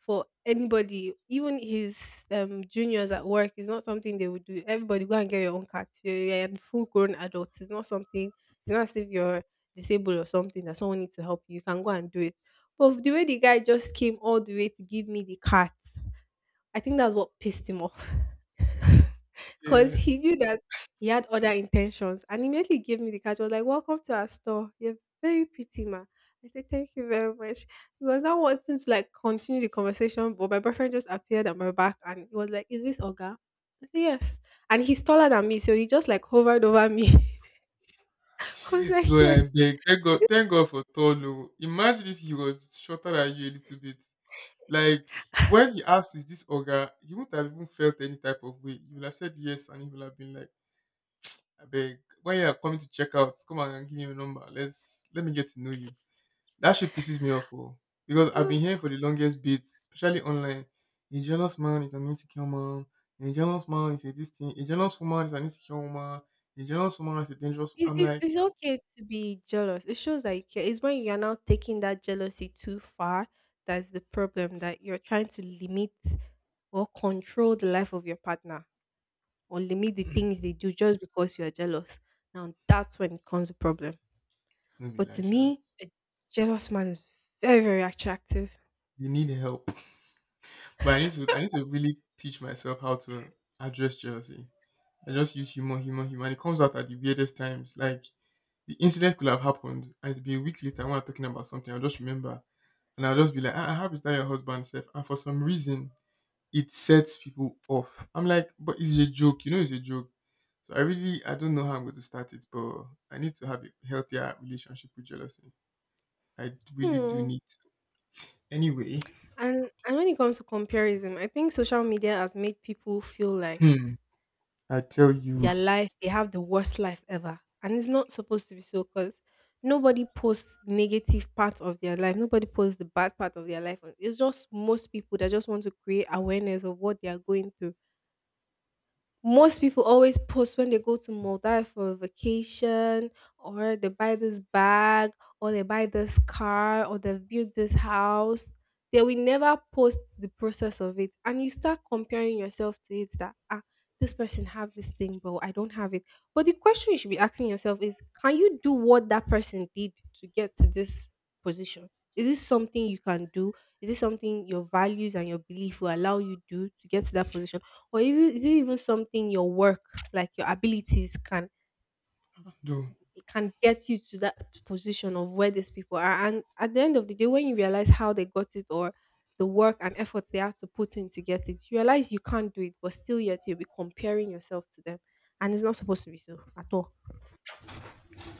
for anybody. Even his um juniors at work is not something they would do. Everybody go and get your own cat. You're, you're a full grown adult. It's not something. It's not as if you're disabled or something that someone needs to help you. You can go and do it. But the way the guy just came all the way to give me the cat, I think that's what pissed him off. Because Yeah. he knew that he had other intentions and immediately gave me the card. He was like, welcome to our store. You're very pretty, ma. I said, thank you very much. He was now wanting to like continue the conversation, but my boyfriend just appeared at my back and he was like, is this Oga? I said, yes. And he's taller than me, so he just like hovered over me. I was like, God, I yes. beg. Thank God, thank God for Tolo. Imagine if he was shorter than you a little bit. Like, when he asked, is this Oga, you wouldn't have even felt any type of way. You would have said yes, and he would have been like, I beg. When you are coming to check out, come and give me your number. Let's let me get to know you. That shit pisses me off, oh. Because I've been hearing for the longest bit, especially online. A jealous man is an insecure man. A jealous man is a this thing. A jealous woman is an insecure woman. A jealous woman is a dangerous. It, I'm it's, like, it's okay to be jealous. It shows that you care. It's when you're now taking that jealousy too far, that's the problem, that you're trying to limit or control the life of your partner or limit the things they do just because you're jealous. Now, that's when it comes a problem. no be But to like, sha. me, a jealous man is very, very attractive. You need help. But I need to I need to really teach myself how to address jealousy. I just use humor, humor, humor. And it comes out at the weirdest times. Like the incident could have happened and it'd be a week later when I'm talking about something, I'll just remember. And I'll just be like, ah, how is that your husband self? And for some reason it sets people off. I'm like, but it's a joke, you know it's a joke. So I really I don't know how I'm going to start it, but I need to have a healthier relationship with jealousy. I really do Hmm. need to. Anyway, And, and when it comes to comparison, I think social media has made people feel like hmm, I tell you, their life, they have the worst life ever, and it's not supposed to be so. Because nobody posts negative part of their life, nobody posts the bad part of their life. It's just most people that just want to create awareness of what they are going through. Most people always post when they go to Maldives for a vacation, or they buy this bag, or they buy this car, or they've built this house. They will never post the process of it, and you start comparing yourself to it. That, ah, this person have this thing, but I don't have it. But the question you should be asking yourself is, can you do what that person did to get to this position? Is this something you can do? Is this something your values and your belief will allow you do to get to that position? Or even is it even something your work, like your abilities can do. can get you to that position of where these people are. And at the end of the day, when you realize how they got it or the work and efforts they have to put in to get it, you realize you can't do it, but still yet you'll be comparing yourself to them. And it's not supposed to be so at all.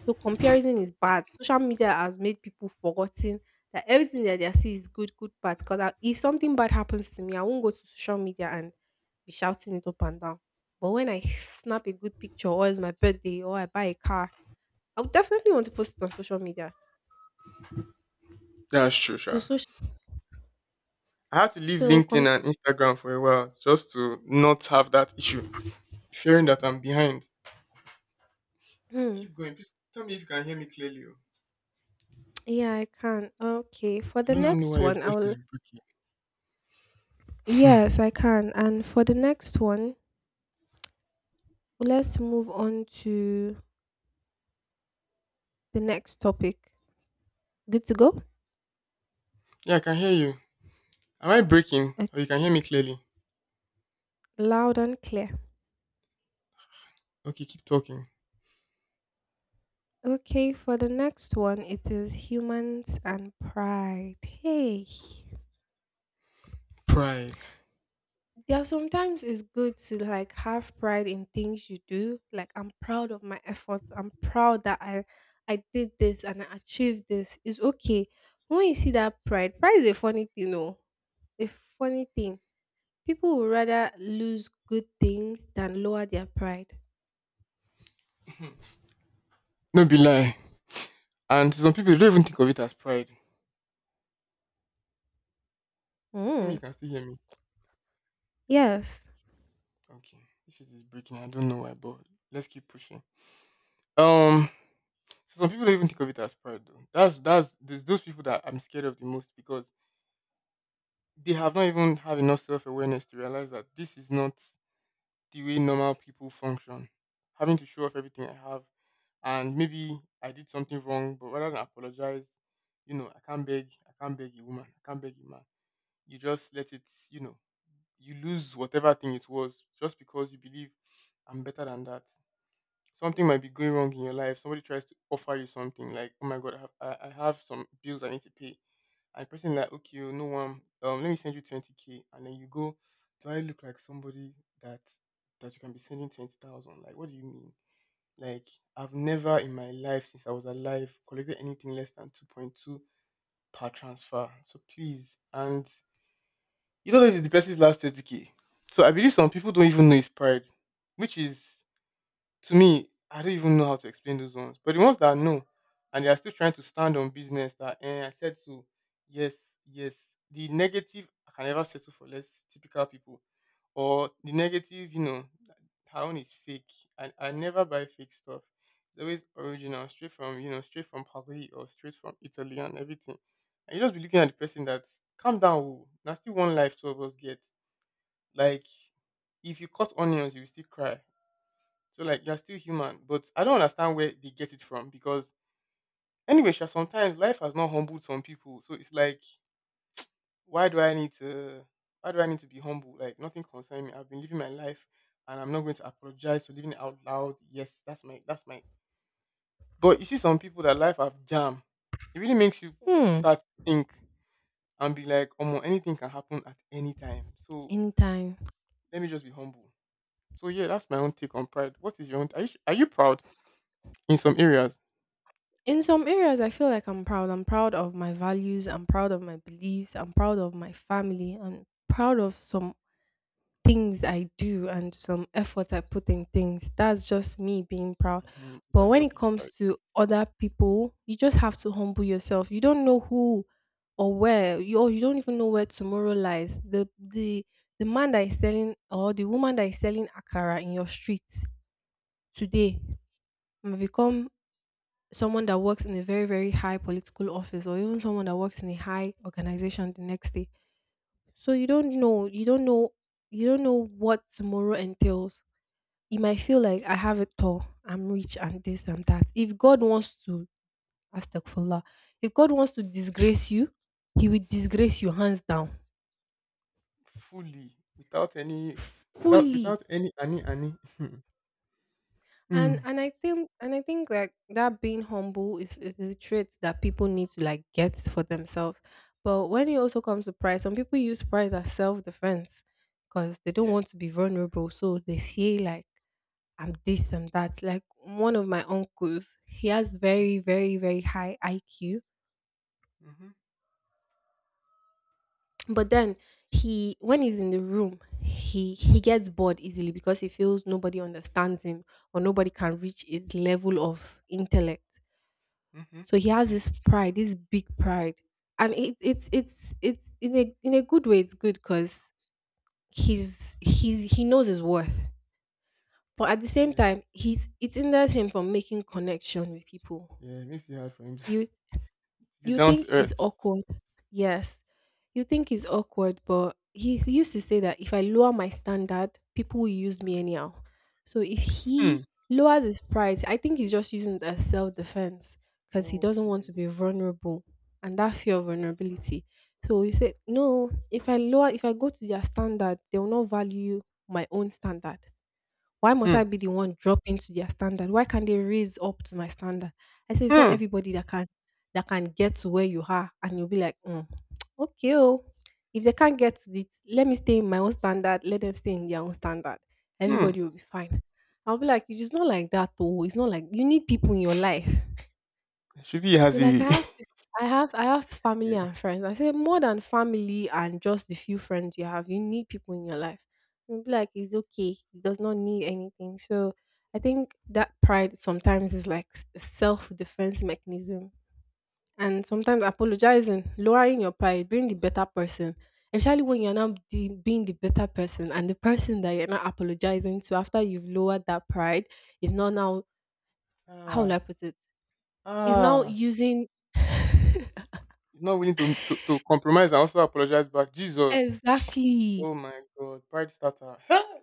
So comparison is bad. Social media has made people forgotten that everything that they see is good, good, bad. Because if something bad happens to me, I won't go to social media and be shouting it up and down. But when I snap a good picture, or it's my birthday, or I buy a car, I would definitely want to post it on social media. That's true, So sure. social, I had to leave so LinkedIn com- and Instagram for a while just to not have that issue, fearing that I'm behind. hmm, Keep going. Please tell me if you can hear me clearly. Oh. yeah, I can. Okay, for I the do not know next why your one, I voice is will. breaking. Yes, I can. And for the next one, let's move on to the next topic. Good to go. Yeah, I can hear you. Am I breaking or Okay. you can hear me clearly? Loud and clear. Okay, keep talking. Okay, for the next one, it is humans and pride. Hey, Pride. there are sometimes it's good to like have pride in things you do. Like I'm proud of my efforts. I'm proud that I I did this and I achieved this. It's okay. When you see that pride, pride is a funny thing, no? A funny thing. People would rather lose good things than lower their pride. No be lie. And some people don't even think of it as pride. Please tell me you Mm. can still hear me. Yes. Okay. If it is breaking, I don't know why, but let's keep pushing. Um so some people don't even think of it as pride though. That's that's there's those people that I'm scared of the most because they have not even had enough self awareness to realize that this is not the way normal people function. Having to show off everything I have, and maybe I did something wrong, but rather than apologize, you know, I can't beg, I can't beg a woman, I can't beg a man. You just let it, you know, you lose whatever thing it was just because you believe I'm better than that something might be going wrong in your life. Somebody tries to offer you something like, oh my god, I have, I, I have some bills I need to pay. And the person like, okay, oh, no one, um, let me send you twenty k, and then you go, do I look like somebody that that you can be sending twenty thousand? Like, what do you mean? Like, I've never in my life since I was alive collected anything less than two point two per transfer. So please, and you don't know if it's the person's last twenty k. So I believe some people don't even know it's pride, which is to me, I don't even know how to explain those ones. But the ones that know and they are still trying to stand on business that eh, I said so, yes, yes. The negative I can never settle for less typical people. Or the negative, you know, her own is fake. I, I never buy fake stuff. It's always original, straight from you know, straight from Paris or straight from Italy and everything. And you just be looking at the person that calm down, oh, na still one life two of us get. Like if you cut onions, you will still cry. So like you're still human, but I don't understand where they get it from because anyway, sha, sometimes life has not humbled some people. So it's like, why do I need to why do I need to be humble? Like nothing concerns me. I've been living my life and I'm not going to apologize for living it out loud. Yes, that's my that's my but you see some people that life have jam. It really makes you Hmm. start to think and be like, oh anything can happen at any time. So Anytime. let me just be humble. So yeah, that's my own take on pride. What is your own? Are you, are you proud in some areas? In some areas, I feel like I'm proud. I'm proud of my values. I'm proud of my beliefs. I'm proud of my family. I'm proud of some things I do and some effort I put in things. That's just me being proud. Mm-hmm. It's But a when it healthy pride. comes to other people, you just have to humble yourself. You don't know who or where, you, or you don't even know where tomorrow lies. The, the, the man that is selling or the woman that is selling Akara in your street today may become someone that works in a very very high political office or even someone that works in a high organization the next day. So you don't know you don't know you don't know what tomorrow entails. You might feel like I have it all, I'm rich and this and that. If God wants to, astagfirullah, if God wants to disgrace you, he will disgrace you hands down, Fully without any without fully. without any any any. And Mm. and I think and I think like that being humble is, is a trait that people need to like get for themselves. But when it also comes to pride, some people use pride as self defense because they don't Yeah. want to be vulnerable. So they say like, I'm this, I'm that. Like one of my uncles, he has very, very, very high I Q. Mm-hmm. But then he when he's in the room, he he gets bored easily because he feels nobody understands him or nobody can reach his level of intellect. Mm-hmm. So he has this pride, this big pride, and it it's it's it's in a in a good way. It's good because he's he's he knows his worth, but at the same yeah. time, he's it hinders him from making connection with people. Yeah. It makes it hard for him to You be you down think to he's earth. awkward. Yes. You think he's awkward, but he used to say that if I lower my standard, people will use me anyhow. So if he Hmm. lowers his price, I think he's just using it as self defense because he doesn't Okay. want to be vulnerable and that fear of vulnerability. So you say, no, if I lower, if I go to their standard, they will not value my own standard. Why must Hmm. I be the one dropping to their standard? Why can't they raise up to my standard? I say it's not Hmm. everybody that can that can get to where you are, and you'll be like, mm, okay, oh, if they can't get to it, let me stay in my own standard. Let them stay in their own standard. Hmm. Everybody will be fine. I'll be like, it's not like that, though. It's not like you need people in your life. Shibi has He's like, I a have, I have, I have family yeah. and friends. I say more than family and just the few friends you have, you need people in your life. And be like, it's okay. He does not need anything. So I think that pride sometimes is like s- a self defense mechanism. And sometimes apologizing, lowering your pride, being the better person, especially when you're not the, being the better person and the person that you're not apologizing to after you've lowered that pride is not now, how will I Ah put it? Is now ah. using He's not willing to, to to compromise and also apologize back. Jesus. exactly. Oh my God. Pride starter.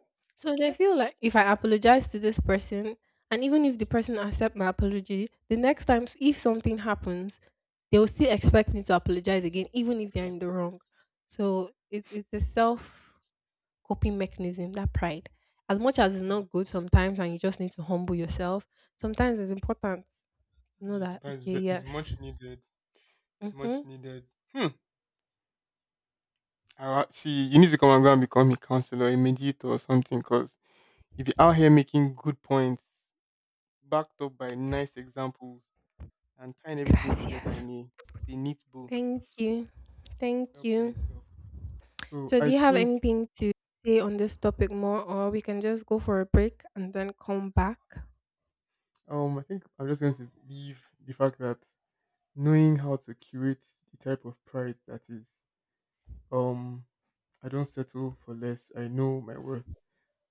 So they Okay. feel like if I apologize to this person, and even if the person accept my apology, the next times if something happens, they will still expect me to apologize again, even if they're in the Christ, yeah. wrong. So it's it's a self coping mechanism that pride. As much as it's Hmm. not good sometimes, and you just need to humble yourself. Sometimes it's important to know Yeah, that, sometimes it's, okay, ve- it's yes, much needed. mm-hmm. Much needed. Hmm. I wa- see, you need to come and go and become a counselor, a mediator, or something, because you be out here making good points, backed up by nice examples, and tying Gra- everything together in gracias, a, a neat bow. thank you, Well thank you. played, well. So So, do I you have think, anything to say on this topic more, or we can just go for a break and then come back? um, I think I'm just going to leave the fact that knowing how to curate the type of pride that is, um, I don't settle for less. I know my worth,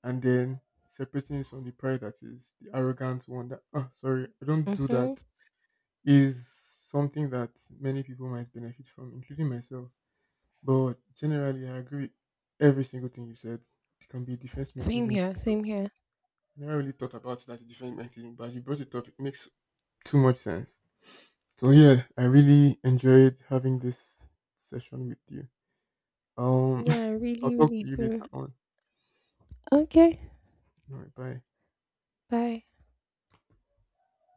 and then separating it from the pride that is the arrogant one. That oh, sorry, I don't do Mm-hmm. that is something that many people might benefit from, including myself. But generally, I agree with every single thing you said. It can be a defense Same mechanism. To here, go. same here. I never really thought about it as a defense mechanism, but as you brought it up, it makes too much sense. So yeah, I really enjoyed having this session with you. Um, Yeah, I I'll really, talk really to you do. later on. Okay, All right, bye. bye.